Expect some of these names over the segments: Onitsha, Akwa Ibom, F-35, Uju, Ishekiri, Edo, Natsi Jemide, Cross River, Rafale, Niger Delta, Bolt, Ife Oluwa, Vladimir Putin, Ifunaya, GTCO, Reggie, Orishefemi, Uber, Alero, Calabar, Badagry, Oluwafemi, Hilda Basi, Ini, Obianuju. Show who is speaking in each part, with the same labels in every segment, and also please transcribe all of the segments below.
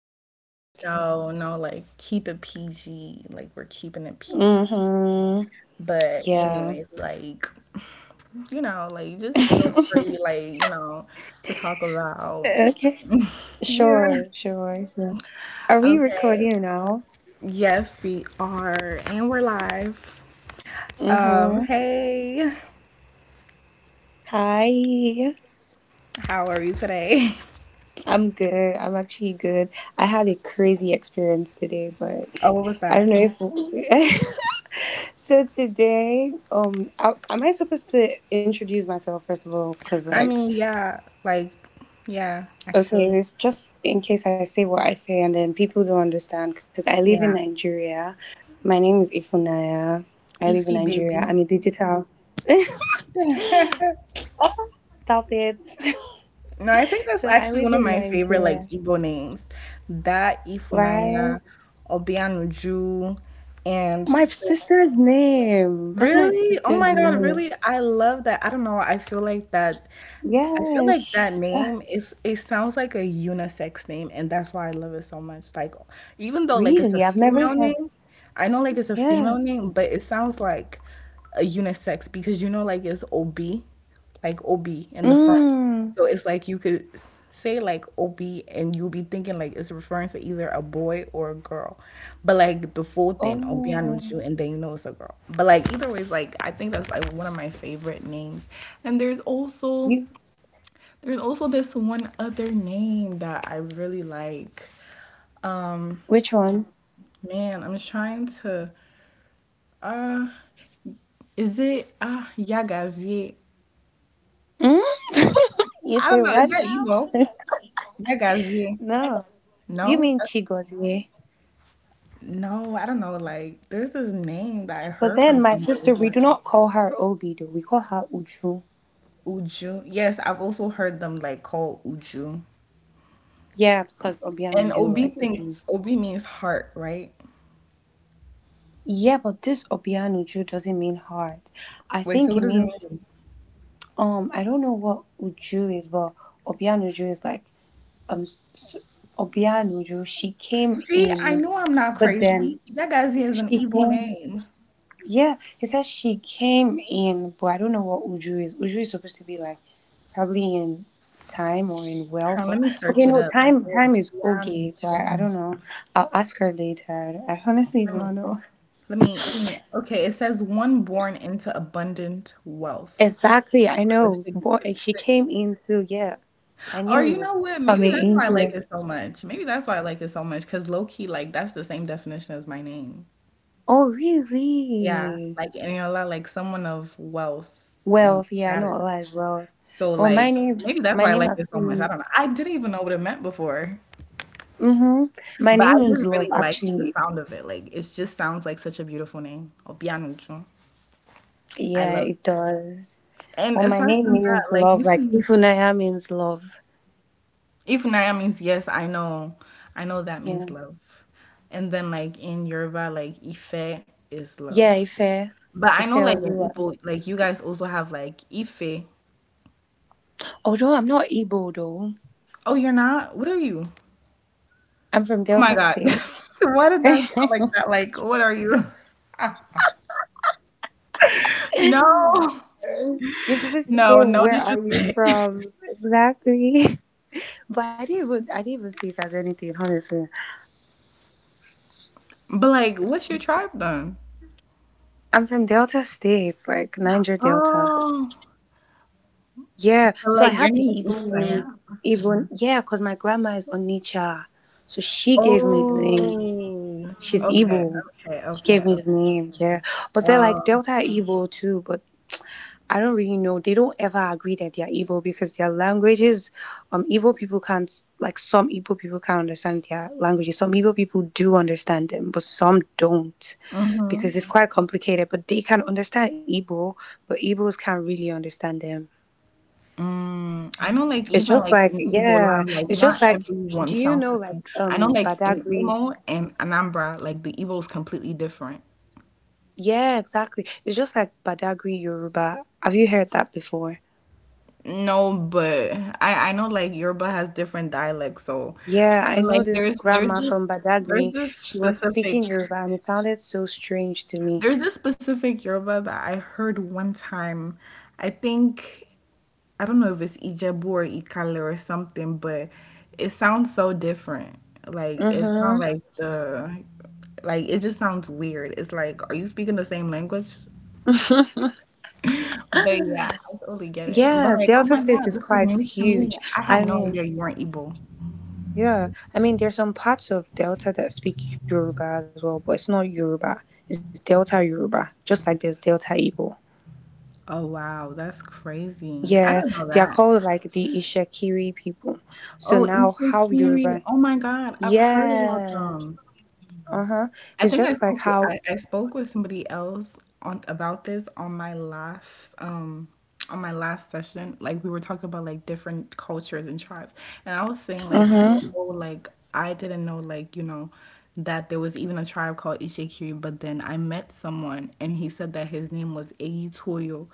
Speaker 1: words. We have to
Speaker 2: no,
Speaker 1: like.
Speaker 2: no, like keep it PG. Like we're keeping it PG.
Speaker 1: Mm-hmm.
Speaker 2: But
Speaker 1: Yeah.
Speaker 2: anyways, just feel free, to talk about.
Speaker 1: Okay.
Speaker 2: Yeah.
Speaker 1: Sure, sure, sure. Are we
Speaker 2: Okay.
Speaker 1: recording now?
Speaker 2: Yes, we are, and we're live.
Speaker 1: Mm-hmm.
Speaker 2: Hey,
Speaker 1: Hi.
Speaker 2: how are you today?
Speaker 1: I'm good. I'm actually good. I had a crazy experience today, but
Speaker 2: Oh, what was
Speaker 1: I don't
Speaker 2: that?
Speaker 1: know if. So today, am I supposed to introduce myself first of all? Because
Speaker 2: I
Speaker 1: like.
Speaker 2: mean, yeah, like, yeah, actually,
Speaker 1: Okay, it's just in case I say what I say and then people don't understand because I live in
Speaker 2: yeah.
Speaker 1: Nigeria. My name is Ifunaya. I live in
Speaker 2: Ify
Speaker 1: Nigeria.
Speaker 2: baby.
Speaker 1: I'm a digital. Stop it.
Speaker 2: No, I think that's
Speaker 1: So I
Speaker 2: actually
Speaker 1: live
Speaker 2: one of
Speaker 1: in
Speaker 2: my favorite
Speaker 1: Nigeria.
Speaker 2: like Igbo names. That
Speaker 1: Right?
Speaker 2: Ifunanya, Obianuju, and
Speaker 1: My
Speaker 2: the,
Speaker 1: sister's name. That's my
Speaker 2: really, oh
Speaker 1: sister's
Speaker 2: my God,
Speaker 1: name.
Speaker 2: really, I love that. I don't know. I feel like that
Speaker 1: Yes.
Speaker 2: name, is it sounds like a unisex name, and that's why I love it so much. Like, even though like it's a
Speaker 1: Really? I've never
Speaker 2: female
Speaker 1: heard.
Speaker 2: name, I know like it's a
Speaker 1: Yeah.
Speaker 2: female name, but it sounds like a unisex, because you know like it's OB, like OB in the front.
Speaker 1: Mm.
Speaker 2: So it's like you could say like OB, and you'll be thinking like it's referring to either a boy or a girl. But like the full thing,
Speaker 1: Oh.
Speaker 2: Obianuju, and then you know it's a girl. But like, either way, it's like I think that's like one of my favorite names. And
Speaker 1: You.
Speaker 2: there's also this one other name that I really like.
Speaker 1: Which one?
Speaker 2: Man, I'm trying to. Is it Yagazie?
Speaker 1: Mm? You
Speaker 2: I don't
Speaker 1: say
Speaker 2: know. Is
Speaker 1: what
Speaker 2: that Igbo?
Speaker 1: now?
Speaker 2: Yagazie?
Speaker 1: No. Do you
Speaker 2: No,
Speaker 1: mean
Speaker 2: that's,
Speaker 1: Chigozie?
Speaker 2: no. I don't know. Like, there's this name that I
Speaker 1: But
Speaker 2: heard
Speaker 1: then
Speaker 2: from
Speaker 1: my
Speaker 2: somewhere
Speaker 1: sister, we
Speaker 2: before.
Speaker 1: do not call her Obi though. We call her Uju.
Speaker 2: Uju. Yes, I've also heard them like called Uju.
Speaker 1: Yeah, because
Speaker 2: And
Speaker 1: Obianuju,
Speaker 2: Obi,
Speaker 1: like Uju.
Speaker 2: thinks Obi means heart, right?
Speaker 1: Yeah, but this Obianuju doesn't mean heart. I
Speaker 2: Wait,
Speaker 1: think
Speaker 2: so
Speaker 1: it
Speaker 2: what does it
Speaker 1: means
Speaker 2: mean?
Speaker 1: I don't know what Uju is, but Obianuju is like um. s- s- Obianuju. She came
Speaker 2: See, I
Speaker 1: in,
Speaker 2: know I'm not
Speaker 1: but then
Speaker 2: crazy. Yagazie is an
Speaker 1: she
Speaker 2: Igbo
Speaker 1: came.
Speaker 2: name.
Speaker 1: Yeah, he said she came in, but I don't know what Uju is. Uju is supposed to be like probably in time or in wealth
Speaker 2: Let
Speaker 1: or
Speaker 2: me search
Speaker 1: okay,
Speaker 2: it
Speaker 1: no,
Speaker 2: up.
Speaker 1: time
Speaker 2: It's
Speaker 1: time is
Speaker 2: Beyond
Speaker 1: Oge, but
Speaker 2: Mutual.
Speaker 1: I don't know. I'll ask her later. I honestly do
Speaker 2: Let me,
Speaker 1: not know.
Speaker 2: let me. Okay, it says one born into abundant wealth, or,
Speaker 1: Exactly, I
Speaker 2: or
Speaker 1: know.
Speaker 2: sig-
Speaker 1: But like, she
Speaker 2: sig-
Speaker 1: came into yeah. I
Speaker 2: or
Speaker 1: knew he
Speaker 2: you know
Speaker 1: was
Speaker 2: what? Maybe
Speaker 1: coming
Speaker 2: that's why I
Speaker 1: into
Speaker 2: like
Speaker 1: this.
Speaker 2: it so much. Maybe that's why I like it so much. Cause low key, like that's the same definition as my name.
Speaker 1: Oh
Speaker 2: Yeah,
Speaker 1: really?
Speaker 2: like Eniola, like someone of wealth and
Speaker 1: Wealth, yeah, I know a
Speaker 2: status.
Speaker 1: lot is wealth.
Speaker 2: So
Speaker 1: Oh, my
Speaker 2: like
Speaker 1: name
Speaker 2: maybe that's
Speaker 1: my
Speaker 2: why I
Speaker 1: name
Speaker 2: like it so much. I
Speaker 1: actually.
Speaker 2: don't know. I didn't even know what it meant before.
Speaker 1: Mm-hmm. My
Speaker 2: But I
Speaker 1: name
Speaker 2: just
Speaker 1: is Love
Speaker 2: really like the
Speaker 1: actually.
Speaker 2: sound of it. Like it just sounds like such a beautiful name. Obianuchu. I
Speaker 1: Yeah,
Speaker 2: love
Speaker 1: it
Speaker 2: it.
Speaker 1: does.
Speaker 2: And
Speaker 1: Well, my
Speaker 2: aside
Speaker 1: name
Speaker 2: from that,
Speaker 1: means
Speaker 2: like you
Speaker 1: love. Like
Speaker 2: say
Speaker 1: Ifunaya means love.
Speaker 2: if Naya means, yes, I know, I know that
Speaker 1: Yeah.
Speaker 2: means love. And then like in Yoruba, like Ife is
Speaker 1: Yeah,
Speaker 2: love.
Speaker 1: Ife.
Speaker 2: But I
Speaker 1: Ife
Speaker 2: know like in
Speaker 1: Oluwa.
Speaker 2: Igbo, like you guys also have like Ife.
Speaker 1: Although I'm not Igbo though.
Speaker 2: Oh, you're not? What are you?
Speaker 1: I'm from Delta
Speaker 2: Oh my God.
Speaker 1: State.
Speaker 2: Why did that sound like that? Like, what are you? No.
Speaker 1: You're supposed to say
Speaker 2: No, no
Speaker 1: where are you
Speaker 2: disrespect.
Speaker 1: from? Exactly. But I didn't even see it as anything, honestly.
Speaker 2: But like, what's your tribe then?
Speaker 1: I'm from Delta State, like Niger Delta.
Speaker 2: Oh,
Speaker 1: Yeah. So I
Speaker 2: like your
Speaker 1: have the
Speaker 2: name is
Speaker 1: Igbo
Speaker 2: Ifnaya.
Speaker 1: name Igbo yeah, because my grandma is Onitsha. So she gave me the name.
Speaker 2: Oh,
Speaker 1: She's
Speaker 2: okay,
Speaker 1: Igbo.
Speaker 2: okay,
Speaker 1: She gave
Speaker 2: okay,
Speaker 1: me
Speaker 2: okay.
Speaker 1: the name, yeah. But they're like
Speaker 2: Um,
Speaker 1: Delta are evil too, but I don't really know. They don't ever agree that they are evil because their languages, evil people can't like some evil people can't understand their languages. Some evil people do understand them, but some don't
Speaker 2: mhm.
Speaker 1: because it's quite complicated. But they can understand Igbo, but Igbos can't really understand them.
Speaker 2: Mm, I know, like
Speaker 1: It's
Speaker 2: even
Speaker 1: just
Speaker 2: like
Speaker 1: like
Speaker 2: in Igbo
Speaker 1: yeah,
Speaker 2: land, like
Speaker 1: it's
Speaker 2: not
Speaker 1: just like
Speaker 2: everyone
Speaker 1: do you
Speaker 2: sounds
Speaker 1: know
Speaker 2: the
Speaker 1: like
Speaker 2: same. I know, like in
Speaker 1: Badagry?
Speaker 2: Imo and Anambra, like the Igbo is completely different.
Speaker 1: Yeah, exactly. It's just like Badagry Yoruba. Have you heard that before?
Speaker 2: No, but I know like Yoruba has different dialects. So,
Speaker 1: Yeah, I
Speaker 2: and like
Speaker 1: know this
Speaker 2: there's there's
Speaker 1: grandma
Speaker 2: this
Speaker 1: from
Speaker 2: there's
Speaker 1: Badagry.
Speaker 2: this
Speaker 1: She was
Speaker 2: specific
Speaker 1: speaking Yoruba and it sounded so strange to me.
Speaker 2: There's this specific Yoruba that I heard one time. I think I don't know if it's Ijebu or Ikale or something, but it sounds so different. Like it's not
Speaker 1: Mm-hmm.
Speaker 2: like the, like it just sounds weird. It's like, are you speaking the same language? But yeah, I totally get it. But
Speaker 1: Yeah,
Speaker 2: like, oh
Speaker 1: Delta
Speaker 2: my
Speaker 1: State
Speaker 2: God,
Speaker 1: is
Speaker 2: this is
Speaker 1: quite
Speaker 2: new to me.
Speaker 1: huge.
Speaker 2: I had
Speaker 1: I
Speaker 2: no idea
Speaker 1: mean,
Speaker 2: you weren't Igbo.
Speaker 1: yeah. I mean, there's some parts of Delta that speak Yoruba as well, but it's not Yoruba. It's Delta Yoruba, just like there's Delta Igbo.
Speaker 2: Oh wow, that's crazy. I
Speaker 1: Yeah,
Speaker 2: didn't know
Speaker 1: they are
Speaker 2: that.
Speaker 1: called like the Ishekiri people. So
Speaker 2: Oh,
Speaker 1: now, how
Speaker 2: Ishikiri.
Speaker 1: Yoruba?
Speaker 2: Oh my God, I've heard about
Speaker 1: Yeah.
Speaker 2: them.
Speaker 1: Uh huh.
Speaker 2: I
Speaker 1: It's
Speaker 2: think I
Speaker 1: just like
Speaker 2: spoke with, I,
Speaker 1: how.
Speaker 2: I spoke with somebody else on about this on my last session. Like we were talking about like different cultures and tribes. And I was saying like how,
Speaker 1: Mm
Speaker 2: oh like I didn't know like, you know, that there was even a tribe called Ishikiri, but then I met someone and he said that his name was Eyitoyo.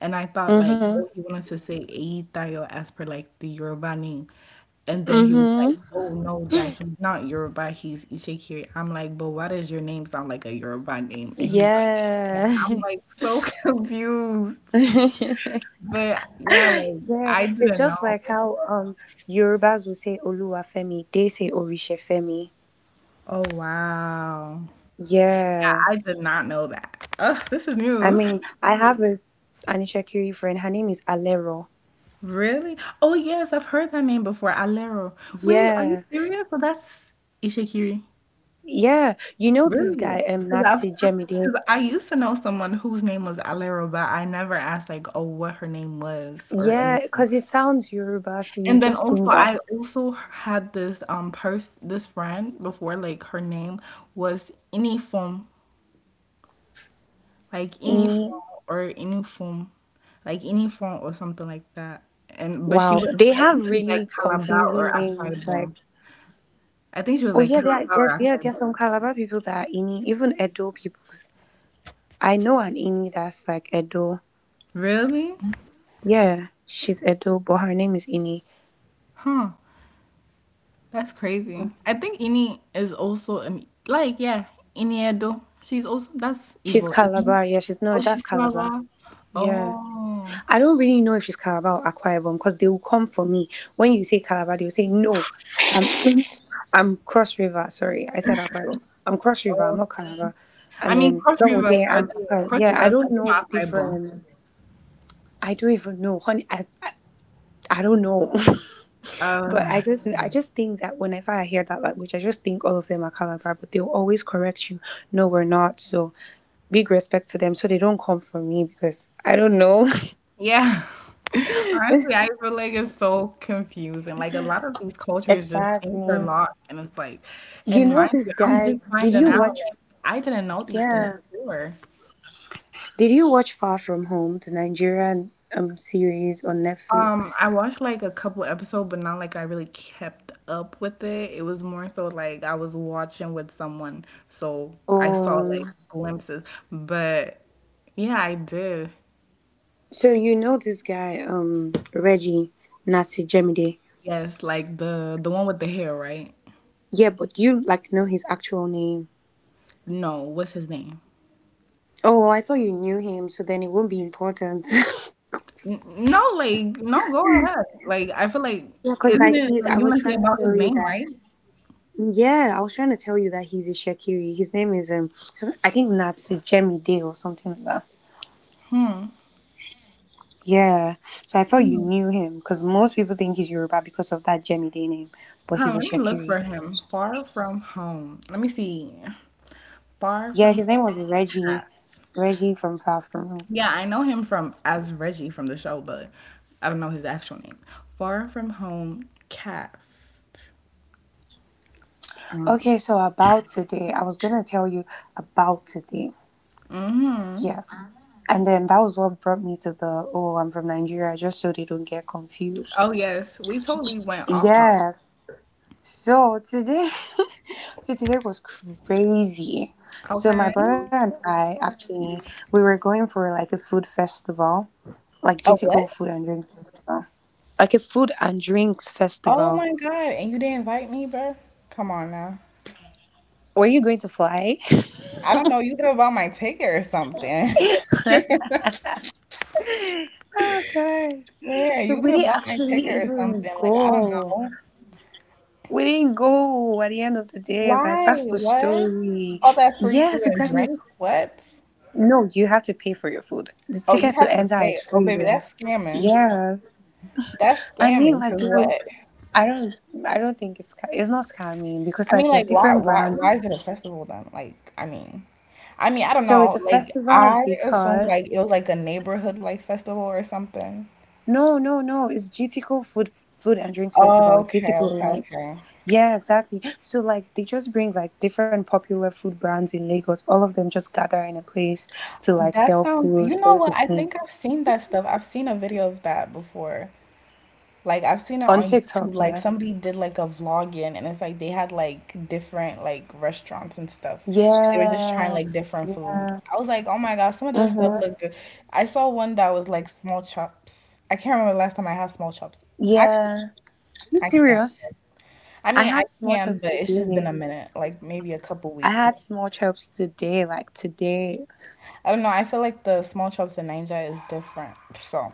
Speaker 2: And I thought
Speaker 1: hmm.
Speaker 2: like,
Speaker 1: Mm
Speaker 2: oh, he wanted to say Eyitayo as per like the Yoruba name. And
Speaker 1: hmm.
Speaker 2: then
Speaker 1: Mm
Speaker 2: he was like,
Speaker 1: hmm.
Speaker 2: "Oh no, that he's not Yoruba, he's Ishikiri." I'm like, "But why does your name sound like a Yoruba name?" And he's like, yeah. "I'm
Speaker 1: Yeah.
Speaker 2: like so confused."
Speaker 1: Yeah.
Speaker 2: But yeah, like I
Speaker 1: It's
Speaker 2: didn't
Speaker 1: just
Speaker 2: know.
Speaker 1: like how Yorubas will say Oluwafemi, they say Orishefemi.
Speaker 2: Oh wow. Yeah,
Speaker 1: Yeah.
Speaker 2: I did not know that. Ugh, this is
Speaker 1: I
Speaker 2: news.
Speaker 1: mean, I have a an Ishakiri friend. Her name is Alero.
Speaker 2: Really? Oh yes, I've heard that name before. Alero. Wait, are you
Speaker 1: Yeah.
Speaker 2: serious? So that's Ishikiri.
Speaker 1: Yeah. You know this guy,
Speaker 2: Really? Because
Speaker 1: Natsi Jemide.
Speaker 2: I used to know someone whose name was Alero, but I never asked like, oh, what her name was or
Speaker 1: Yeah,
Speaker 2: anything.
Speaker 1: because it sounds Yoruba, so you
Speaker 2: And then
Speaker 1: just
Speaker 2: also,
Speaker 1: think that
Speaker 2: I also had this pers this friend before, like her name was Inifom, like
Speaker 1: any
Speaker 2: Inifom or Inifom, like Inifom or something like that. And but she
Speaker 1: wow.
Speaker 2: was,
Speaker 1: They
Speaker 2: I think
Speaker 1: have
Speaker 2: she was like
Speaker 1: really
Speaker 2: Calabar or
Speaker 1: confusing
Speaker 2: Akwa
Speaker 1: names like.
Speaker 2: Ibom. I think she was
Speaker 1: Oh
Speaker 2: like
Speaker 1: yeah, there
Speaker 2: Calabar
Speaker 1: are,
Speaker 2: or
Speaker 1: there's yeah,
Speaker 2: Akwa
Speaker 1: there are
Speaker 2: Ibom.
Speaker 1: some Calabar people that are Ini, even Edo people. I know an Ini that's like Edo.
Speaker 2: Really?
Speaker 1: Yeah, she's Edo, but her name is Ini.
Speaker 2: Huh. That's crazy. I think Ini is also like yeah, Iniedo. She's also, that's
Speaker 1: She's
Speaker 2: Igbo, isn't it?
Speaker 1: Calabar. Yeah, she's no,
Speaker 2: Oh,
Speaker 1: that's
Speaker 2: she's
Speaker 1: Calabar.
Speaker 2: Calabar.
Speaker 1: Yeah,
Speaker 2: Oh,
Speaker 1: I don't really know if she's Calabar or Akwa Ibom because they will come for me when you say Calabar. They will say no, I'm Cross River. Sorry, I said Akwa Ibom. I'm Cross River. I'm
Speaker 2: oh.
Speaker 1: not Calabar.
Speaker 2: I
Speaker 1: And
Speaker 2: mean,
Speaker 1: then some will say I'm Akwa.
Speaker 2: Cross
Speaker 1: Yeah, I
Speaker 2: Rivers are
Speaker 1: don't
Speaker 2: the
Speaker 1: know the
Speaker 2: Akwa Ibom.
Speaker 1: difference. I don't even know, honey. I don't know.
Speaker 2: Uh,
Speaker 1: But I just think that whenever I hear that language, I just think all of them are Calabar, but they'll always correct you. No, we're not. So big respect to them. So they don't come for me because I don't know.
Speaker 2: yeah. Honestly, I feel like it's so confusing. Like a lot of these cultures just
Speaker 1: Exactly.
Speaker 2: interlock, and it's like,
Speaker 1: You
Speaker 2: and
Speaker 1: know
Speaker 2: mind
Speaker 1: this
Speaker 2: you, I'm
Speaker 1: guy.
Speaker 2: just
Speaker 1: Did
Speaker 2: finding
Speaker 1: you
Speaker 2: out.
Speaker 1: watch
Speaker 2: Like I didn't know these things
Speaker 1: yeah.
Speaker 2: before.
Speaker 1: Did you watch Far From Home, the Nigerian series on Netflix?
Speaker 2: I watched like a couple episodes, but not like I really kept up with it. It was more so like I was watching with someone, so I saw like
Speaker 1: Um
Speaker 2: glimpses. But yeah, I did.
Speaker 1: so you know this guy, Reggie Natsi Jemide.
Speaker 2: Yes, like the one with the hair, right?
Speaker 1: Yeah, but you like know his actual name.
Speaker 2: No, what's his name?
Speaker 1: Oh, well, I thought you knew him, so then it wouldn't be important.
Speaker 2: No, like no, go ahead. Like I feel like
Speaker 1: Yeah, because
Speaker 2: isn't
Speaker 1: like
Speaker 2: it like
Speaker 1: I
Speaker 2: you
Speaker 1: was
Speaker 2: want to say
Speaker 1: trying to
Speaker 2: about
Speaker 1: tell
Speaker 2: his
Speaker 1: you
Speaker 2: name,
Speaker 1: that.
Speaker 2: right?
Speaker 1: Yeah, I was trying to tell you that he's a Shakiri. His name is so I think Natsi Jemmy Day or something like that. Yeah, so I thought you knew him because most people think he's Yoruba because of that Jemmy Day name, but
Speaker 2: Huh,
Speaker 1: he's a
Speaker 2: let me look for
Speaker 1: Shakiri.
Speaker 2: him. Far from home. Let me see. Far
Speaker 1: Yeah,
Speaker 2: from
Speaker 1: his name
Speaker 2: home
Speaker 1: was Reggie,
Speaker 2: cast.
Speaker 1: Reggie from Far From Home.
Speaker 2: Yeah, I know him from as Reggie from the show, but I don't know his actual name. Far From Home cast.
Speaker 1: Okay, so about today, I was gonna tell you about today.
Speaker 2: Hmm.
Speaker 1: Yes. And then that was what brought me to the oh, I'm from Nigeria, just so they don't get confused.
Speaker 2: Oh yes, we totally went off topic.
Speaker 1: Yeah. So today. So today was crazy. So my
Speaker 2: Okay.
Speaker 1: brother and I actually we were going for like a food festival, like
Speaker 2: A
Speaker 1: GTCO
Speaker 2: what?
Speaker 1: food and drink festival, like a food and drinks
Speaker 2: Oh
Speaker 1: festival.
Speaker 2: my God, and you didn't invite me, bro? Come on now.
Speaker 1: Were you going to fly?
Speaker 2: I don't know. You could have bought my ticket or something.
Speaker 1: Oh god.
Speaker 2: Man,
Speaker 1: So
Speaker 2: you could
Speaker 1: we
Speaker 2: have
Speaker 1: didn't
Speaker 2: bought my
Speaker 1: actually
Speaker 2: ticket or
Speaker 1: even
Speaker 2: something. Like I don't
Speaker 1: go.
Speaker 2: know.
Speaker 1: We didn't go at the end of the day. Like
Speaker 2: Why?
Speaker 1: that's the
Speaker 2: What?
Speaker 1: story.
Speaker 2: All that free food
Speaker 1: Yes,
Speaker 2: and
Speaker 1: exactly.
Speaker 2: drinks? What?
Speaker 1: No, you have to pay for your food. The
Speaker 2: Oh, you
Speaker 1: ticket to
Speaker 2: have to
Speaker 1: enter is
Speaker 2: pay. Oh,
Speaker 1: free,
Speaker 2: baby,
Speaker 1: though.
Speaker 2: that's scamming.
Speaker 1: Yes,
Speaker 2: That's
Speaker 1: I mean,
Speaker 2: scamming.
Speaker 1: like,
Speaker 2: Cause
Speaker 1: girl,
Speaker 2: what?
Speaker 1: I don't, I don't think it's not scamming because
Speaker 2: I mean,
Speaker 1: like there are
Speaker 2: like,
Speaker 1: different brands.
Speaker 2: why is it a festival then? Like, I mean, I don't
Speaker 1: So it's
Speaker 2: know.
Speaker 1: a
Speaker 2: Like, I
Speaker 1: festival
Speaker 2: assume
Speaker 1: because.
Speaker 2: like it was like a neighborhood like festival or something.
Speaker 1: No, no, no. It's GT Co Food and Drinks Festival. GT
Speaker 2: Okay,
Speaker 1: Co
Speaker 2: okay,
Speaker 1: like
Speaker 2: okay.
Speaker 1: yeah, exactly. So like they just bring like different popular food brands in Lagos. All of them just gather in a place to like
Speaker 2: That
Speaker 1: sell
Speaker 2: sounds. You
Speaker 1: food,
Speaker 2: know what? I think
Speaker 1: basically.
Speaker 2: I've seen that stuff. I've seen a video of that before. Like I've seen it
Speaker 1: On
Speaker 2: on YouTube,
Speaker 1: TikTok,
Speaker 2: like
Speaker 1: yeah.
Speaker 2: somebody did like a vlogging, and it's like they had like different like restaurants and stuff. They were just trying
Speaker 1: Yeah.
Speaker 2: like different food.
Speaker 1: Yeah.
Speaker 2: I was like, oh my God, some of this stuff
Speaker 1: Mm-hmm.
Speaker 2: look good. I saw one that was like small chops. I can't remember the last time I had small chops. Actually,
Speaker 1: Yeah. Are you
Speaker 2: I can't.
Speaker 1: serious?
Speaker 2: I
Speaker 1: I
Speaker 2: mean, I
Speaker 1: had small
Speaker 2: can,
Speaker 1: chops
Speaker 2: but it's just been a
Speaker 1: today.
Speaker 2: minute, like maybe a couple
Speaker 1: I
Speaker 2: weeks.
Speaker 1: had small chops today, like today.
Speaker 2: I don't know. I feel like the small chops in Ninja is different. So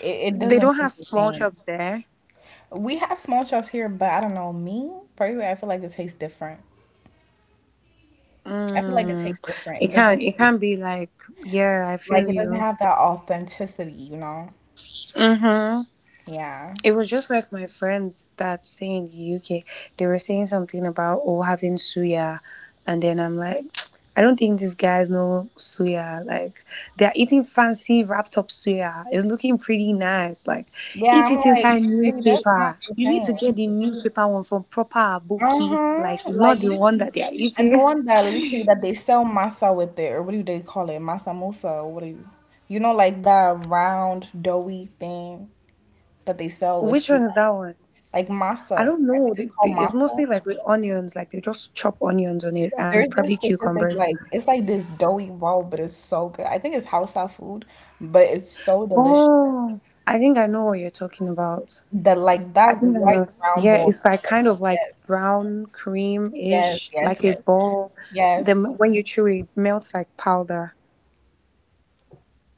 Speaker 2: it
Speaker 1: They
Speaker 2: doesn't
Speaker 1: don't have
Speaker 2: taste the
Speaker 1: small
Speaker 2: same.
Speaker 1: chops there.
Speaker 2: We have small chops here, but I don't know. Me personally, I feel like it tastes different. I feel like it
Speaker 1: Mm,
Speaker 2: tastes different. It
Speaker 1: it can
Speaker 2: doesn't
Speaker 1: it
Speaker 2: taste
Speaker 1: can be like yeah, I
Speaker 2: like,
Speaker 1: feel
Speaker 2: it doesn't
Speaker 1: you.
Speaker 2: have that authenticity, you know?
Speaker 1: Mhm.
Speaker 2: Yeah.
Speaker 1: It was just like my friends that stay in the UK. They were saying something about oh having suya, and then I'm like, I don't think these guys know suya. Like they are eating fancy wrapped up suya. It's looking pretty nice. Like
Speaker 2: Yeah,
Speaker 1: eat
Speaker 2: I'm
Speaker 1: it
Speaker 2: like,
Speaker 1: inside
Speaker 2: baby, that's not
Speaker 1: newspaper.
Speaker 2: the
Speaker 1: You need to get
Speaker 2: same.
Speaker 1: the newspaper one from proper aboki. Like
Speaker 2: Uh-huh.
Speaker 1: it's not
Speaker 2: Like
Speaker 1: the one
Speaker 2: literally.
Speaker 1: that they are
Speaker 2: And the
Speaker 1: eating.
Speaker 2: one that literally that they sell masa with, it, or what do they call it? Masa musa, or what do you, you know like that round doughy thing that they sell with
Speaker 1: Which one
Speaker 2: suya.
Speaker 1: is that one?
Speaker 2: Like masa.
Speaker 1: I don't
Speaker 2: I
Speaker 1: know.
Speaker 2: think it's
Speaker 1: They, they,
Speaker 2: called
Speaker 1: it's
Speaker 2: masa.
Speaker 1: mostly like with onions. Like they just chop onions on it and
Speaker 2: There's
Speaker 1: probably
Speaker 2: this specific
Speaker 1: cucumbers.
Speaker 2: like, it's like this doughy roll, but it's so good. I think it's house style food, but it's so delicious.
Speaker 1: Oh, I think I know what you're talking about.
Speaker 2: The like
Speaker 1: I
Speaker 2: that
Speaker 1: think I
Speaker 2: white
Speaker 1: know.
Speaker 2: brown
Speaker 1: Yeah,
Speaker 2: ball
Speaker 1: it's
Speaker 2: thing,
Speaker 1: like
Speaker 2: right?
Speaker 1: kind of like
Speaker 2: Yes,
Speaker 1: brown cream
Speaker 2: yes,
Speaker 1: ish,
Speaker 2: yes,
Speaker 1: like a
Speaker 2: yes,
Speaker 1: ball.
Speaker 2: yes.
Speaker 1: Then when you chew it, it melts like powder.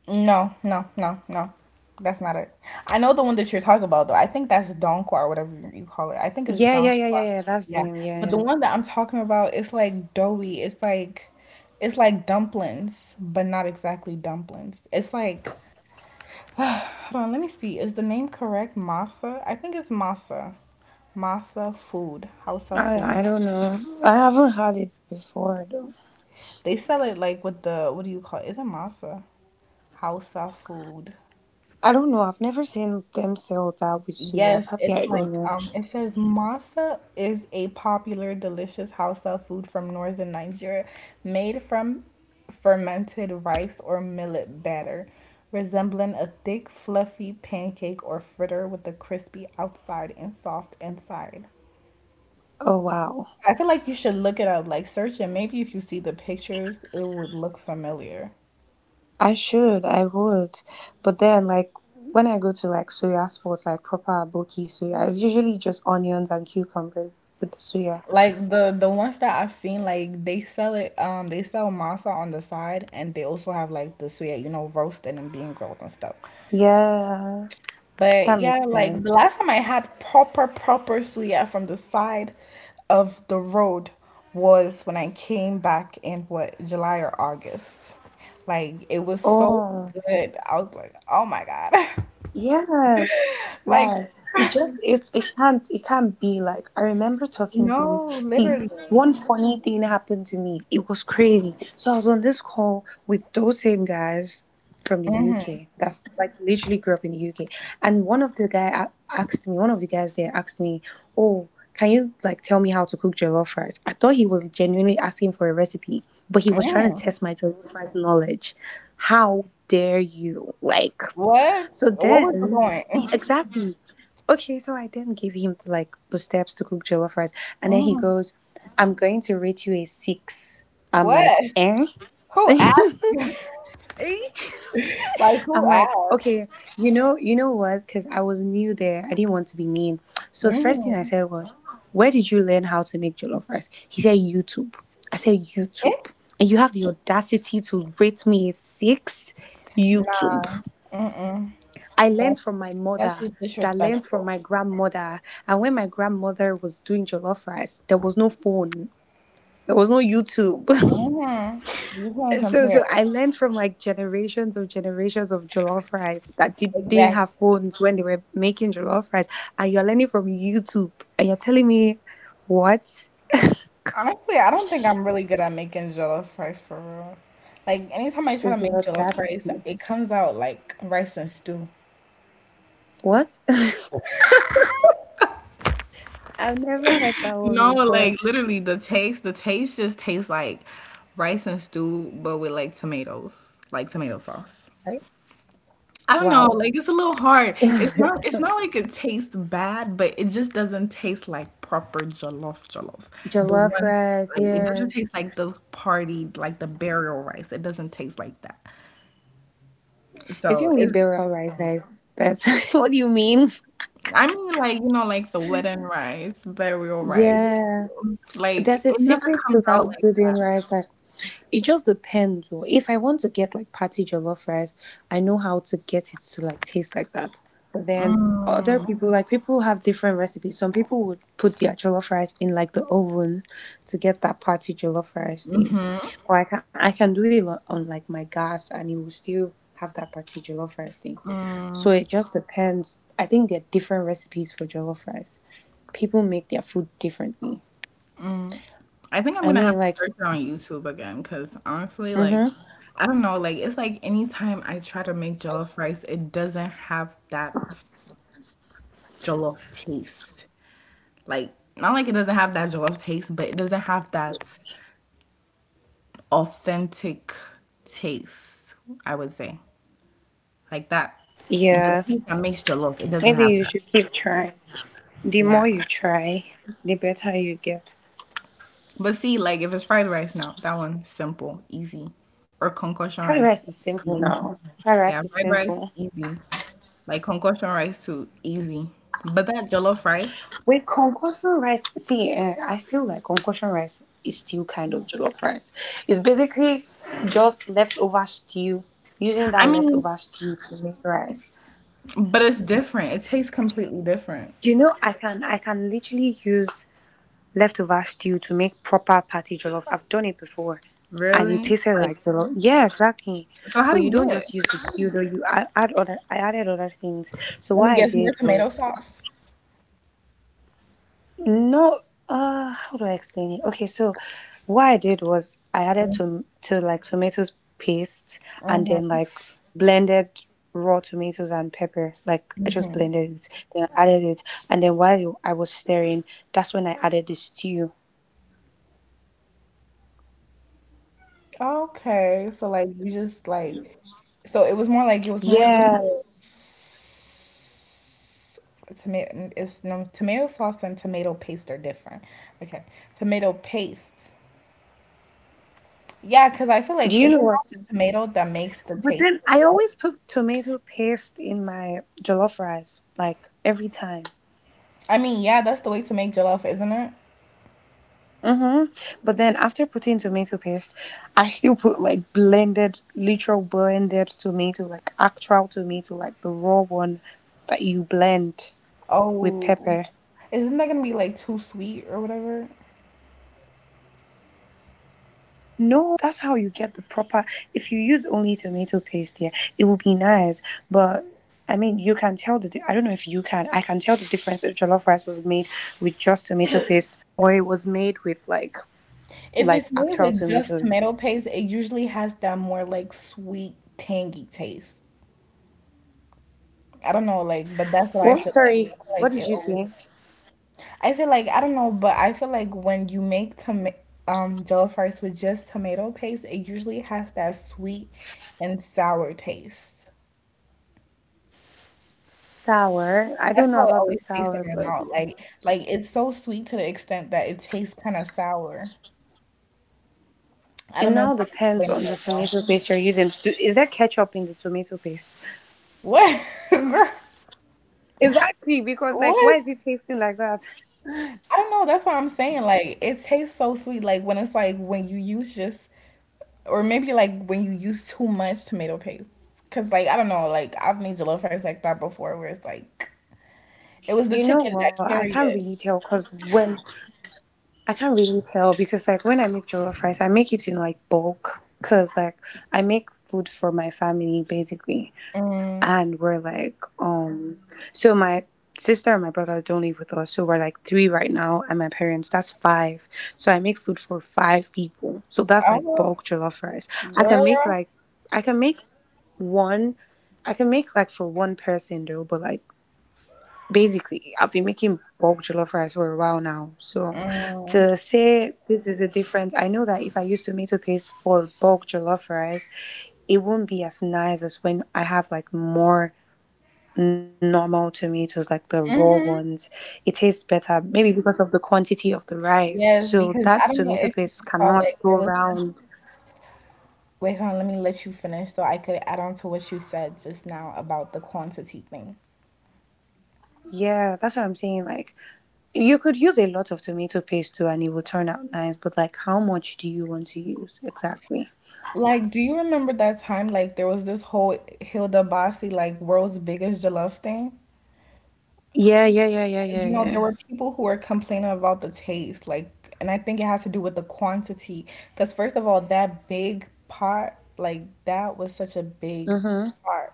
Speaker 2: No, no, no, no. That's not it. I know the one that you're talking about though. I think that's donkwa or whatever you call it. I think it's
Speaker 1: Yeah, yeah, yeah, yeah,
Speaker 2: donkwa.
Speaker 1: yeah. That's
Speaker 2: Yeah.
Speaker 1: the name.
Speaker 2: But
Speaker 1: Yeah,
Speaker 2: the
Speaker 1: yeah.
Speaker 2: one that I'm talking about, it's like doughy. It's like, it's like dumplings, but not exactly dumplings. It's like Hold on, let me see. Is the name correct? Masa? I think it's Masa. Masa food. Hausa
Speaker 1: I
Speaker 2: food.
Speaker 1: I don't know. I haven't had it before though.
Speaker 2: They sell it like with the, what do you call it? Is it Masa? Hausa food.
Speaker 1: I don't know. I've never seen them sell that with suya.
Speaker 2: Yes,
Speaker 1: Probably
Speaker 2: it's
Speaker 1: I don't
Speaker 2: like
Speaker 1: know.
Speaker 2: it says masa is a popular delicious Hausa food from northern Nigeria made from fermented rice or millet batter, resembling a thick fluffy pancake or fritter with a crispy outside and soft inside.
Speaker 1: Oh wow.
Speaker 2: I feel like you should look it up, like search it. Maybe if you see the pictures, it would look familiar.
Speaker 1: I should, I would. But then, like, when I go to like soya spots, like proper bulky soya, it's usually just onions and cucumbers with the soya.
Speaker 2: Like the ones that I've seen, like they sell it. They sell masa on the side, and they also have like the suya, you know, roasted and being grilled and stuff.
Speaker 1: Yeah,
Speaker 2: But
Speaker 1: that makes
Speaker 2: yeah, like the
Speaker 1: sense.
Speaker 2: last time I had proper suya from the side of the road was when I came back in what, July or August? Like it was so
Speaker 1: Oh.
Speaker 2: good. I was like, oh my god,
Speaker 1: Yes,
Speaker 2: like
Speaker 1: love. It just it it can't be like I remember talking to this.
Speaker 2: No,
Speaker 1: See,
Speaker 2: literally.
Speaker 1: one funny thing happened to me. It was crazy. So I was on this call with those same guys from the UK. That's like literally grew up in the UK. And one of the guys there asked me, "Oh, can you like tell me how to cook jollof rice?" I thought he was genuinely asking for a recipe, but he was trying to
Speaker 2: Mm.
Speaker 1: test my jollof rice knowledge. How dare you? Like
Speaker 2: What?
Speaker 1: so
Speaker 2: What was the
Speaker 1: then,
Speaker 2: point?
Speaker 1: exactly. Okay, so I then gave him like the steps to cook jollof rice, and then he
Speaker 2: Mm.
Speaker 1: goes, "I'm going to rate you a six." I'm like,
Speaker 2: What?
Speaker 1: eh?
Speaker 2: Who asked you?
Speaker 1: Eh?
Speaker 2: Like, who
Speaker 1: I'm like,
Speaker 2: asked?
Speaker 1: okay, you know what? Because I was new there, I didn't want to be mean. So first thing I
Speaker 2: Mm.
Speaker 1: said was, "Where did you learn how to make jollof rice?" He said, "YouTube." I said, "YouTube."
Speaker 2: Eh?
Speaker 1: And you have the audacity to rate me a six? YouTube.
Speaker 2: Nah. Mm-mm.
Speaker 1: I
Speaker 2: That,
Speaker 1: learned from my
Speaker 2: that's
Speaker 1: mother
Speaker 2: just
Speaker 1: that learned from
Speaker 2: disrespectful.
Speaker 1: my grandmother. And when my grandmother was doing jollof rice, there was no phone. There was no YouTube.
Speaker 2: Hmm. You can't
Speaker 1: so
Speaker 2: compare
Speaker 1: so
Speaker 2: it.
Speaker 1: I learned from like generations of jollof rice that didn't
Speaker 2: Exactly.
Speaker 1: have phones when they were making jollof rice. And you're learning from YouTube. And you're telling me what
Speaker 2: Honestly, I don't think I'm really good at making jollof rice for real. Like, anytime I try
Speaker 1: is
Speaker 2: to
Speaker 1: the
Speaker 2: make jollof rice,
Speaker 1: audacity?
Speaker 2: it comes out like rice and stew.
Speaker 1: What? I've never heard that
Speaker 2: No,
Speaker 1: one before.
Speaker 2: like literally the taste just tastes like rice and stew, but with like tomatoes, like tomato sauce.
Speaker 1: Like,
Speaker 2: I don't know,
Speaker 1: wow.
Speaker 2: like it's a little hard. It's not it's not like it tastes bad, but it just doesn't taste like proper jollof. The
Speaker 1: Jollof
Speaker 2: ones
Speaker 1: rice,
Speaker 2: like it
Speaker 1: yeah.
Speaker 2: doesn't taste like those party like the burial rice. It doesn't taste like that.
Speaker 1: Is it
Speaker 2: So it's
Speaker 1: liberal rises? That's what do you mean?
Speaker 2: I mean like you know like the wedding rice, burial rice.
Speaker 1: Yeah.
Speaker 2: Like
Speaker 1: There's a
Speaker 2: it never
Speaker 1: secret to
Speaker 2: comes out
Speaker 1: that
Speaker 2: like that.
Speaker 1: wooden rice that It just depends. Or If I want to get like patty jollof rice, I know how to get it to like taste like that. But then other people, like people have different recipes. Some people would put their jollof rice in like the oven to get that patty jollof rice thing. Or I can do it on, like my gas, and it will still have that patty jollof rice thing. So it just depends. I think there are different recipes for jollof rice. People make their food differently.
Speaker 2: I think I'm gonna
Speaker 1: I
Speaker 2: have to
Speaker 1: mean, like,
Speaker 2: search it on YouTube again because honestly, like,
Speaker 1: mm-hmm.
Speaker 2: I don't know, like, it's like anytime I try to make jollof rice, it doesn't have that jollof taste. Like, not like it doesn't have that jollof taste, but it doesn't have that authentic taste, I would say. Like, that, the
Speaker 1: Yeah.
Speaker 2: taste that makes jollof, it doesn't
Speaker 1: Maybe
Speaker 2: have
Speaker 1: you
Speaker 2: that.
Speaker 1: should keep trying. The
Speaker 2: Yeah.
Speaker 1: more you try, the better you get.
Speaker 2: But see, like, if it's fried rice now, that one simple, easy. Or concoction
Speaker 1: Fried rice is
Speaker 2: rice,
Speaker 1: simple
Speaker 2: easy.
Speaker 1: now. Fried rice is
Speaker 2: Yeah, fried
Speaker 1: simple.
Speaker 2: rice, easy. Like concussion rice too, easy. But that jollof rice,
Speaker 1: With concoction rice, see, I feel like concoction rice is still kind of jollof rice. It's basically just leftover stew, using
Speaker 2: I
Speaker 1: that
Speaker 2: mean,
Speaker 1: leftover stew to make rice.
Speaker 2: but it's different. It tastes completely different.
Speaker 1: You know, I can literally use leftover stew to make proper party jollof. I've done it before, and it
Speaker 2: Really?
Speaker 1: tasted
Speaker 2: Like,
Speaker 1: like jollof. Yeah, exactly.
Speaker 2: so how
Speaker 1: But
Speaker 2: do
Speaker 1: you
Speaker 2: you
Speaker 1: don't
Speaker 2: do it?
Speaker 1: just use the stew though. You add other. I added other things. So
Speaker 2: Let
Speaker 1: what
Speaker 2: me
Speaker 1: I
Speaker 2: guess, more
Speaker 1: did
Speaker 2: tomato
Speaker 1: was
Speaker 2: sauce.
Speaker 1: no. How do I explain it? Okay, so what I did was I added to like tomatoes paste, and then like blended raw tomatoes and pepper. Like I just blended it, then I added it, and then while I was stirring, that's when I added the stew.
Speaker 2: Okay, so like you just like, so it was more like it was more
Speaker 1: Yeah.
Speaker 2: tomatoes. Tomato, it's no, tomato sauce and tomato paste are different. Okay, tomato paste. Yeah, because I feel like
Speaker 1: Do you
Speaker 2: isn't
Speaker 1: know
Speaker 2: that
Speaker 1: what?
Speaker 2: the tomato that makes the
Speaker 1: But
Speaker 2: taste
Speaker 1: then
Speaker 2: of
Speaker 1: I
Speaker 2: jollof?
Speaker 1: always put tomato paste in my jollof rice, like every time.
Speaker 2: I mean, yeah, that's the way to make jollof, isn't it?
Speaker 1: hmm But then after putting tomato paste, I still put like blended, literal blended tomato, like actual tomato, like the raw one that you blend with
Speaker 2: Oh,
Speaker 1: pepper.
Speaker 2: isn't that gonna be like too sweet or whatever?
Speaker 1: No, that's how you get the proper. If you use only tomato paste, yeah, it will be nice. But I mean, you can tell I don't know if you can. I can tell the difference if jollof rice was made with just tomato paste, or it was made with like
Speaker 2: If it's
Speaker 1: actual
Speaker 2: made with
Speaker 1: tomatoes.
Speaker 2: just tomato paste, it usually has that more like sweet, tangy taste. I don't know, like, but that's what I
Speaker 1: Well,
Speaker 2: feel like.
Speaker 1: sorry,
Speaker 2: I feel like
Speaker 1: what did
Speaker 2: it
Speaker 1: you
Speaker 2: always.
Speaker 1: say?
Speaker 2: I say like I don't know, but I feel like when you make tom jollof rice with just tomato paste, it usually has that sweet and sour taste.
Speaker 1: Sour. I
Speaker 2: That's
Speaker 1: don't know
Speaker 2: how it
Speaker 1: about the
Speaker 2: always tastes
Speaker 1: sour,
Speaker 2: in my
Speaker 1: but
Speaker 2: mouth. Like it's so sweet to the extent that it tastes kind of sour. I
Speaker 1: it
Speaker 2: don't know if
Speaker 1: now
Speaker 2: I'm
Speaker 1: depends
Speaker 2: explaining
Speaker 1: on the
Speaker 2: it well.
Speaker 1: tomato paste you're using. Is there ketchup in the tomato paste?
Speaker 2: What? Girl,
Speaker 1: Exactly, because like, why
Speaker 2: what?
Speaker 1: is it tasting like that?
Speaker 2: I don't know. That's what I'm saying. Like, it tastes so sweet. Like, when it's like when you use just, or maybe like when you use too much tomato paste. Cause, like, I don't know. Like, I've made jollof rice like that before where it's like, it was the
Speaker 1: You know
Speaker 2: chicken
Speaker 1: what?
Speaker 2: that
Speaker 1: I can't
Speaker 2: carried
Speaker 1: really
Speaker 2: it.
Speaker 1: tell because when I can't really tell because like when I make jollof rice, I make it in like bulk because like I make food for my family basically,
Speaker 2: Mm,
Speaker 1: and we're like so my sister and my brother don't live with us, so we're like 3 right now, and my parents, that's 5. So I make food for 5 people, so that's like
Speaker 2: oh,
Speaker 1: bulk jollof rice. I can make
Speaker 2: girl.
Speaker 1: like I can make one. I can make like for one person though, but like basically I've been making bulk jollof rice for a while now. So
Speaker 2: Mm,
Speaker 1: to say this is the difference, I know that if I use tomato paste for bulk jollof rice, it won't be as nice as when I have like more normal tomatoes, like the raw
Speaker 2: hmm.
Speaker 1: ones. It tastes better, maybe because of the quantity of the rice.
Speaker 2: Yes,
Speaker 1: So
Speaker 2: because
Speaker 1: that
Speaker 2: I don't know
Speaker 1: tomato
Speaker 2: if you
Speaker 1: paste
Speaker 2: saw,
Speaker 1: cannot
Speaker 2: like,
Speaker 1: go
Speaker 2: there was this.
Speaker 1: round.
Speaker 2: Wait, hold on. Let me let you finish so I could add on to what you said just now about the quantity thing.
Speaker 1: Yeah, that's what I'm saying. Like, you could use a lot of tomato paste too, and it will turn out nice, but like, how much do you want to use exactly?
Speaker 2: Like, do you remember that time? Like, there was this whole Hilda Basi, like, world's biggest jollof thing.
Speaker 1: Yeah, yeah, yeah, yeah,
Speaker 2: Like,
Speaker 1: yeah,
Speaker 2: you know, there
Speaker 1: yeah.
Speaker 2: were people who were complaining about the taste. Like, and I think it has to do with the quantity. Because, first of all, that big pot, like, that was such a big
Speaker 1: Mm-hmm.
Speaker 2: pot.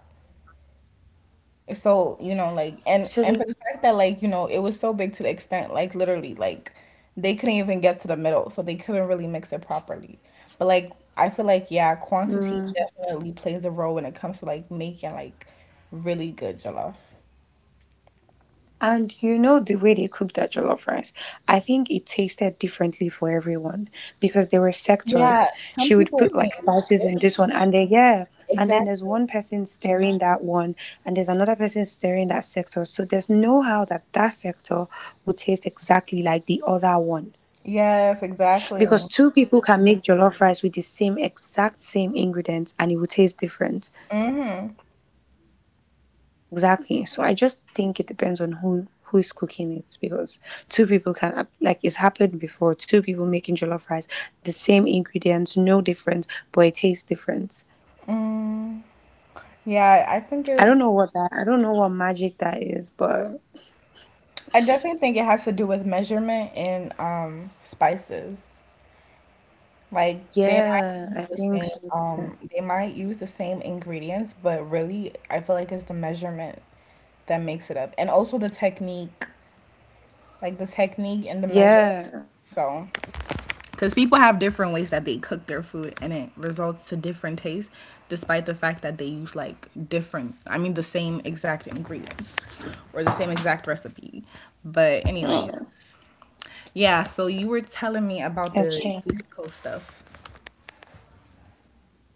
Speaker 2: So, you know, like and
Speaker 1: So,
Speaker 2: and
Speaker 1: they-
Speaker 2: for the fact that like, you know, it was so big to the extent like literally like they couldn't even get to the middle, so they couldn't really mix it properly. But like I feel like yeah, quantity
Speaker 1: mm.
Speaker 2: definitely plays a role when it comes to like making like really good jollof.
Speaker 1: And you know the way they cook that jollof rice, I think it tasted differently for everyone because there were
Speaker 2: Yeah,
Speaker 1: sectors.
Speaker 2: some
Speaker 1: She would
Speaker 2: people were
Speaker 1: put
Speaker 2: saying
Speaker 1: like
Speaker 2: it was
Speaker 1: spices in
Speaker 2: good.
Speaker 1: this one, and then yeah, and then there's
Speaker 2: Exactly.
Speaker 1: one person stirring that one, and there's another person stirring that sector. So there's no how that sector would taste exactly like the other one,
Speaker 2: Yes, exactly.
Speaker 1: because two people can make jollof rice with the same exact same ingredients, and it would taste different.
Speaker 2: Hmm.
Speaker 1: Exactly. So I just think it depends on who is cooking it, because two people can like it's happened before. Two people making jollof rice, the same ingredients, no difference, but it tastes different.
Speaker 2: Yeah, I think it's
Speaker 1: I don't know what magic that is, but
Speaker 2: I definitely think it has to do with measurement and spices. Like they might
Speaker 1: yeah,
Speaker 2: use
Speaker 1: I
Speaker 2: the
Speaker 1: think
Speaker 2: same
Speaker 1: so. Too.
Speaker 2: they might use the same ingredients, but really I feel like it's the measurement that makes it up. And also the technique, like the technique and the measurement.
Speaker 1: Yeah.
Speaker 2: So, cuz people have different ways that they cook their food and it results to different tastes despite the fact that they use like different, I mean the same exact ingredients or the same exact recipe. But
Speaker 1: Mm.
Speaker 2: anyways, yeah, so you were telling me about
Speaker 1: Okay.
Speaker 2: the Mexico stuff.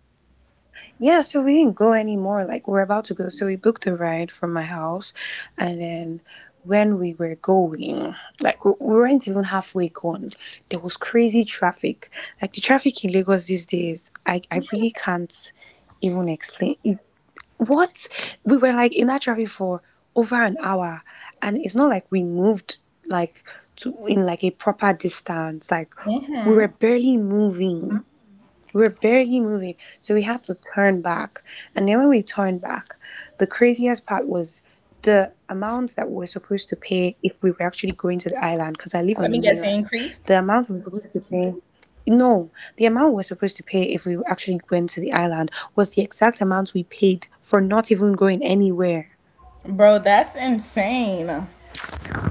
Speaker 1: Yeah, so we didn't go anymore. Like we are about to go, so we booked the ride from my house, and then when we were going, like we weren't even halfway gone, there was crazy traffic. Like the traffic in Lagos these days, I really can't even explain it. What we were like in that traffic for over an hour, and it's not like we moved like to in like a proper distance. Like we were
Speaker 2: Mhm.
Speaker 1: barely moving we were barely moving, so we had to turn back. And then when we turned back, the craziest part was the amount that we were supposed to pay if we were actually going to the island, because I live on
Speaker 2: Let
Speaker 1: the
Speaker 2: me guess, it
Speaker 1: mainland.
Speaker 2: increased.
Speaker 1: The amount we were supposed to pay. No, the amount we were supposed to pay if we actually went to the island was the exact amount we paid for not even going anywhere.
Speaker 2: Bro, that's insane.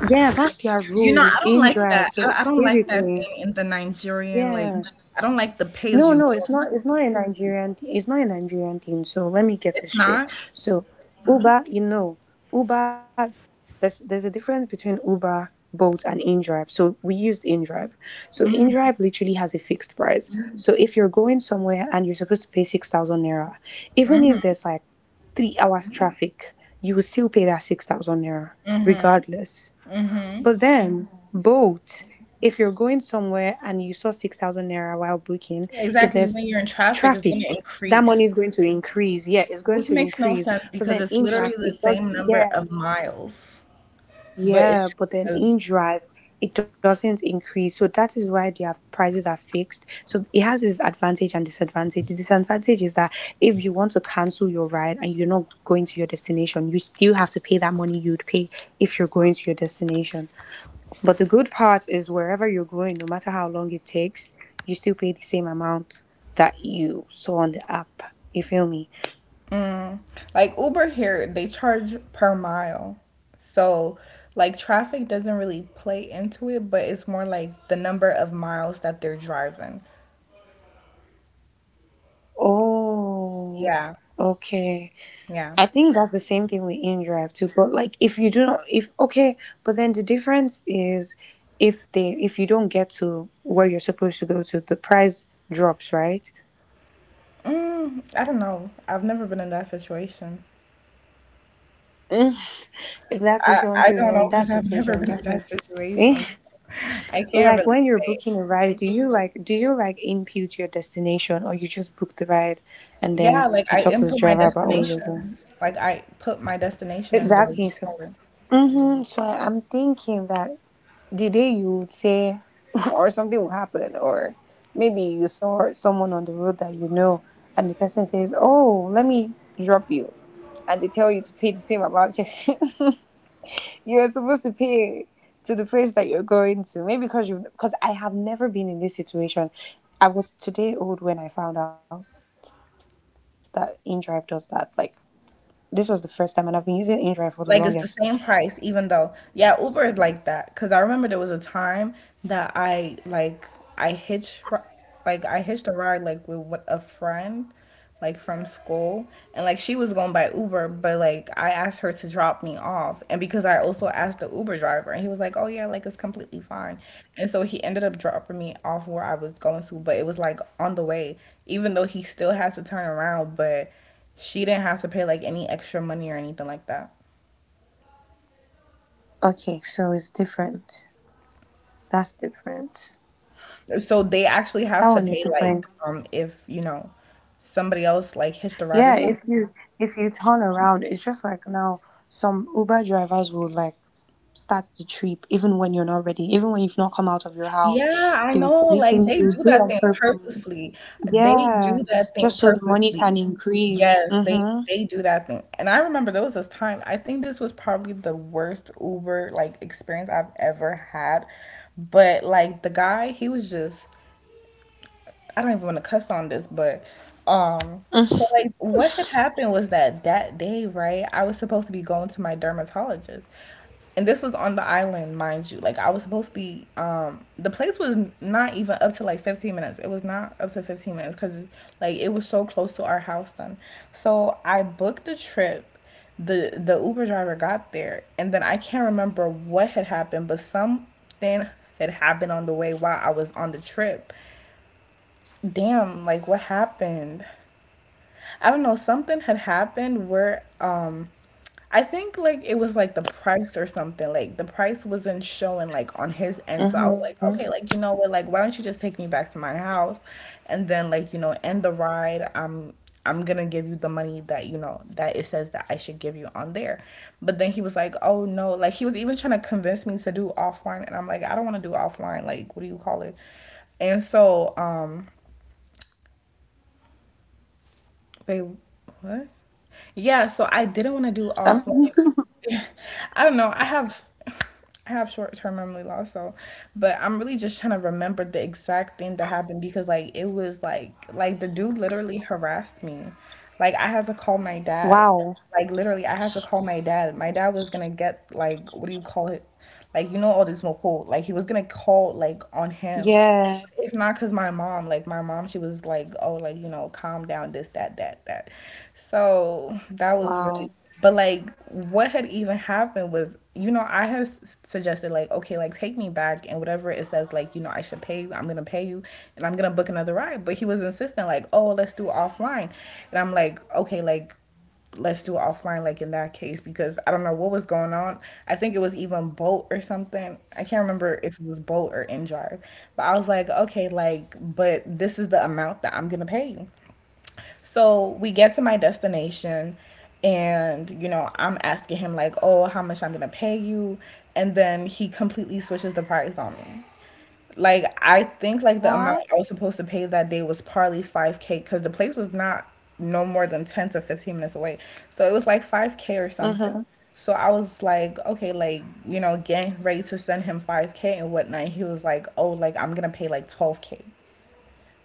Speaker 1: Yeah, that's their
Speaker 2: You know,
Speaker 1: rule. It's
Speaker 2: I don't
Speaker 1: in
Speaker 2: like
Speaker 1: drive.
Speaker 2: that.
Speaker 1: So
Speaker 2: I don't like that
Speaker 1: basically,
Speaker 2: thing in the Nigerian, like,
Speaker 1: yeah.
Speaker 2: I don't like the pay as
Speaker 1: No,
Speaker 2: you
Speaker 1: no, it's
Speaker 2: go.
Speaker 1: not. It's not a Nigerian thing. So let me get this
Speaker 2: It's
Speaker 1: straight.
Speaker 2: not.
Speaker 1: So Uber, you know, Uber. There's a difference between Uber, Bolt, and InDrive. So we used InDrive. So InDrive literally has a fixed price. Mhm. So if you're going somewhere and you're supposed to pay 6,000 naira, even if there's like 3 hours Mhm. traffic, you will still pay that 6,000 naira regardless. But then, both, if you're going somewhere and you saw 6,000 naira while booking,
Speaker 2: Yeah,
Speaker 1: if
Speaker 2: exactly. When
Speaker 1: there's
Speaker 2: you're in traffic, it's
Speaker 1: traffic,
Speaker 2: going to
Speaker 1: that money
Speaker 2: increase,
Speaker 1: is going to increase. Yeah, it's going
Speaker 2: which
Speaker 1: to
Speaker 2: makes no
Speaker 1: increase.
Speaker 2: sense
Speaker 1: But
Speaker 2: because
Speaker 1: then
Speaker 2: it's
Speaker 1: in
Speaker 2: literally
Speaker 1: drive,
Speaker 2: the
Speaker 1: it
Speaker 2: same
Speaker 1: doesn't,
Speaker 2: number
Speaker 1: yeah.
Speaker 2: of miles. But
Speaker 1: Yeah,
Speaker 2: it's
Speaker 1: but then
Speaker 2: because,
Speaker 1: in drive, it doesn't increase. So that is why their prices are fixed. So it has this advantage and disadvantage. The disadvantage is that if you want to cancel your ride and you're not going to your destination, you still have to pay that money you'd pay if you're going to your destination. But the good part is wherever you're going, no matter how long it takes, you still pay the same amount that you saw on the app. You feel me?
Speaker 2: like, Uber here, they charge per mile. So, like, traffic doesn't really play into it, but it's more like the number of miles that they're driving.
Speaker 1: Oh,
Speaker 2: Yeah.
Speaker 1: okay.
Speaker 2: Yeah.
Speaker 1: I think that's the same thing with InDrive too. But like, if you do not, if okay, but then the difference is if they if you don't get to where you're supposed to go to, the price drops, right?
Speaker 2: Mm, I don't know. I've never been in that situation.
Speaker 1: Mm, exactly.
Speaker 2: I,
Speaker 1: So
Speaker 2: I
Speaker 1: until
Speaker 2: don't
Speaker 1: you're
Speaker 2: know
Speaker 1: in that
Speaker 2: because I've never
Speaker 1: situation,
Speaker 2: been in
Speaker 1: that's
Speaker 2: that situation.
Speaker 1: it.
Speaker 2: So I can't
Speaker 1: Like
Speaker 2: really
Speaker 1: when you're
Speaker 2: say.
Speaker 1: booking a ride, do you like do you input your destination, or you just book the ride and
Speaker 2: Yeah,
Speaker 1: then
Speaker 2: like
Speaker 1: you
Speaker 2: I
Speaker 1: talk to the
Speaker 2: input my
Speaker 1: driver about all of that?
Speaker 2: destination. Like I put my destination in the
Speaker 1: Exactly. So, hmm so I'm thinking that the day you would say or something will happen, or maybe you saw someone on the road that you know, and the person says, "Oh, let me drop you," and they tell you to pay the same amount. You're supposed to pay to the place that you're going to. Maybe because you because I have never been in this situation. I was today old when I found out that InDrive does that. Like this was the first time, and I've been using InDrive for the longest.
Speaker 2: Like it's the same price, even though, yeah, Uber is like that. Cause I remember there was a time that I like I hitch like I hitched a ride like with what a friend like from school and like she was going by Uber, but like I asked her to drop me off. And because I also asked the Uber driver and he was like, "Oh yeah, like it's completely fine." And so he ended up dropping me off where I was going to, but it was like on the way, even though he still has to turn around, but she didn't have to pay like any extra money or anything like that.
Speaker 1: Okay, so it's different. That's different.
Speaker 2: So they actually
Speaker 1: That
Speaker 2: have to
Speaker 1: one is
Speaker 2: pay
Speaker 1: different.
Speaker 2: like if you know somebody else like hitched a ride or
Speaker 1: Yeah,
Speaker 2: something.
Speaker 1: if you turn around, it's just like now some Uber drivers will like start the trip even when you're not ready, even when you've not come out of your house.
Speaker 2: Yeah, I
Speaker 1: They will
Speaker 2: know. Like
Speaker 1: literally
Speaker 2: they
Speaker 1: do
Speaker 2: do
Speaker 1: it
Speaker 2: that
Speaker 1: on
Speaker 2: thing
Speaker 1: purpose.
Speaker 2: purposely. They
Speaker 1: Yeah,
Speaker 2: do that thing
Speaker 1: just so the money
Speaker 2: purposely.
Speaker 1: can increase.
Speaker 2: Yes, they
Speaker 1: Mm-hmm.
Speaker 2: they do that thing. And I remember there was this time, I think this was probably the worst Uber like experience I've ever had. But like the guy, he was just I don't even want to cuss on this, but so like what had happened was that that day, right? I was supposed to be going to my dermatologist, and this was on the island, mind you. Like I was supposed to be. The place was not even up to like 15 minutes. It was not up to 15 minutes because like it was so close to our house then. So I booked the trip. The Uber driver got there, and then I can't remember what had happened, but something had happened on the way while I was on the trip damn, like what happened? I don't know, something had happened where I think like it was like the price or something. Like the price wasn't showing like on
Speaker 1: Mm-hmm.
Speaker 2: his end. So I was like, okay, like you know what, like why don't you just take me back to my house and then like, you know, end the ride. I'm gonna give you the money that, you know, that it says that I should give you on there. But then he was like, oh no, like he was even trying to convince me to do offline and I'm like, I don't wanna do offline, like what do you call it? And so Wait, what? Yeah, so I didn't want to do
Speaker 1: Um,
Speaker 2: offline. I don't know. I have short-term memory loss, so but I'm really just trying to remember the exact thing that happened because like it was like the dude literally harassed me. Like I had to call my dad.
Speaker 1: wow.
Speaker 2: Like literally I had to call my dad. My dad was gonna get like what do you call it? Like you know all this moped. Like he was gonna call like on him
Speaker 1: Yeah.
Speaker 2: if not because my mom, like my mom, she was like, oh, like you know, calm down, this that that that, so that was really...
Speaker 1: Wow.
Speaker 2: But like what had even happened was, you know, I had suggested like, okay, like take me back and whatever it says, like you know I should pay you, I'm gonna pay you and I'm gonna book another ride. But he was insistent, like, oh, let's do offline. And I'm like, okay, like let's do it offline, like in that case, because I don't know what was going on. I think it was even Bolt or something, I can't remember if it was Bolt or in. But I was like, okay, like, but this is the amount that I'm gonna pay you. So we get to my destination, and you know, I'm asking him like, oh, how much I'm gonna pay you. And then he completely switches the price on me. Like I think like the
Speaker 1: What?
Speaker 2: amount I was supposed to pay that day was probably 5k because the place was not no more than 10 to 15 minutes away. So it was like 5k or
Speaker 1: Mm-hmm.
Speaker 2: something. So I was like, okay, like you know, getting ready to send him 5k and whatnot. He was like, oh, like I'm gonna pay like 12k.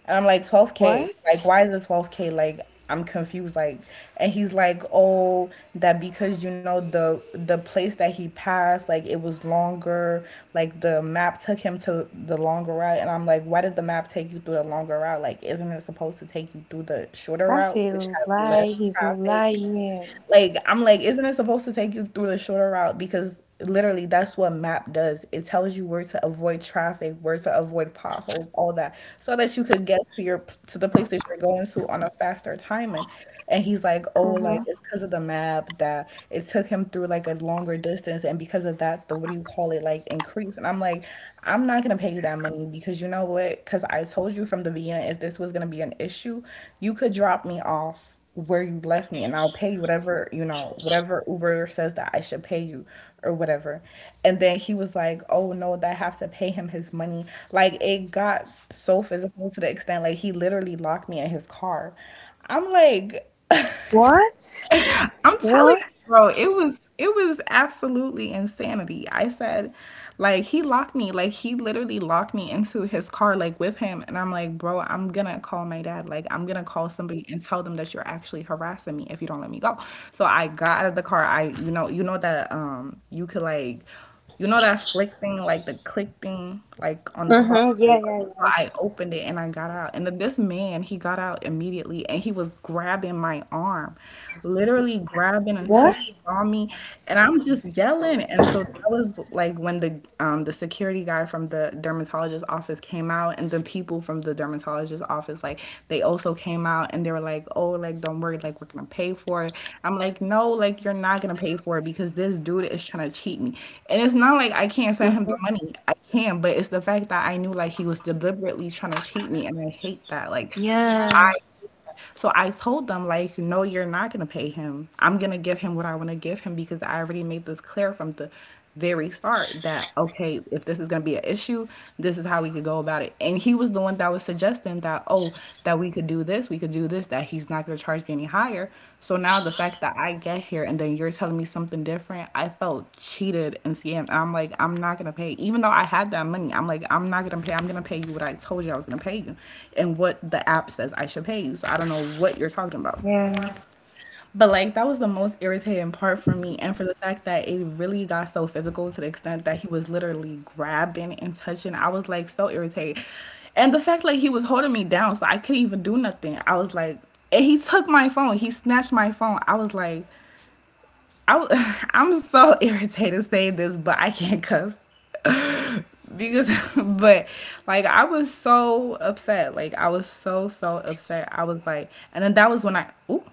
Speaker 2: And I'm like, 12K.
Speaker 1: What?
Speaker 2: Like, why is it 12K? Like, I'm confused. Like, and he's like, oh, that because you know, the place that he passed, like it was longer. Like the map took him to the longer route. And I'm like, why did the map take you through the longer route? Like, isn't it supposed to take you through the shorter
Speaker 1: That's
Speaker 2: route,
Speaker 1: a
Speaker 2: which has
Speaker 1: lie.
Speaker 2: less
Speaker 1: He's
Speaker 2: traffic?
Speaker 1: lying.
Speaker 2: Like I'm like, isn't it supposed to take you through the shorter route? Because literally that's what map does. It tells you where to avoid traffic, where to avoid potholes, all that, so that you could get to your to the place that you're going to on a faster timing. And he's like, oh, like
Speaker 1: Mm-hmm.
Speaker 2: it's because of the map that it took him through like a longer distance, and because of that, the what do you call it, like increase. And I'm like, I'm not gonna pay you that money, because you know what? Because I told you from the beginning, if this was gonna be an issue, you could drop me off where you left me and I'll pay you whatever, you know, whatever Uber says that I should pay you or whatever. And then he was like, oh no, that I have to pay him his money. Like it got so physical to the extent like he literally locked me in his car. I'm like,
Speaker 1: What?
Speaker 2: I'm telling
Speaker 1: What?
Speaker 2: you, bro, it was absolutely insanity. I said, like he locked me, like he literally locked me into his car, like with him. And I'm like, bro, I'm gonna call my dad, like I'm gonna call somebody and tell them that you're actually harassing me if you don't let me go. So I got out of the car. I, you know that you could like, you know that flick thing, like the click thing, like on the car.
Speaker 1: Mm-hmm. Yeah,
Speaker 2: So
Speaker 1: yeah, yeah.
Speaker 2: I opened it and I got out. And then this man, he got out immediately and he was grabbing my arm, literally grabbing and
Speaker 1: What?
Speaker 2: touching on me. And I'm just yelling. And so that was like when the security guy from the dermatologist office came out, and the people from the dermatologist office, like they also came out and they were like, oh, like don't worry, like we're gonna pay for it. I'm like, no, like you're not gonna pay for it because this dude is trying to cheat me. And it's not like I can't send him
Speaker 1: Mm-hmm.
Speaker 2: the money. I can, but it's the fact that I knew like he was deliberately trying to cheat me, and I hate that. Like, yeah.
Speaker 1: Yeah.
Speaker 2: I, so I told them like, no, you're not gonna pay him. I'm gonna give him what I want to give him, because I already made this clear from the very start that, okay, if this is going to be an issue, this is how we could go about it. And he was the one that was suggesting that, oh, that we could do this, we could do this, that he's not going to charge me any higher. So now the fact that I get here and then you're telling me something different, I felt cheated and scammed, and I'm like, I'm not going to pay. Even though I had that money, I'm like, I'm not going to pay. I'm going to pay you what I told you I was going to pay you and what the app says I should pay you. So I don't know what you're talking about. But like that was the most irritating part for me, and for the fact that it really got so physical to the extent that he was literally grabbing and touching, I was like so irritated, and the fact like he was holding me down, so I couldn't even do nothing. I was like, and he took my phone, he snatched my phone. I was like, I w- I'm so irritated saying this, but I can't cuss because, but like I was so upset, like I was so so upset. I was like, and then that was when I, ooh,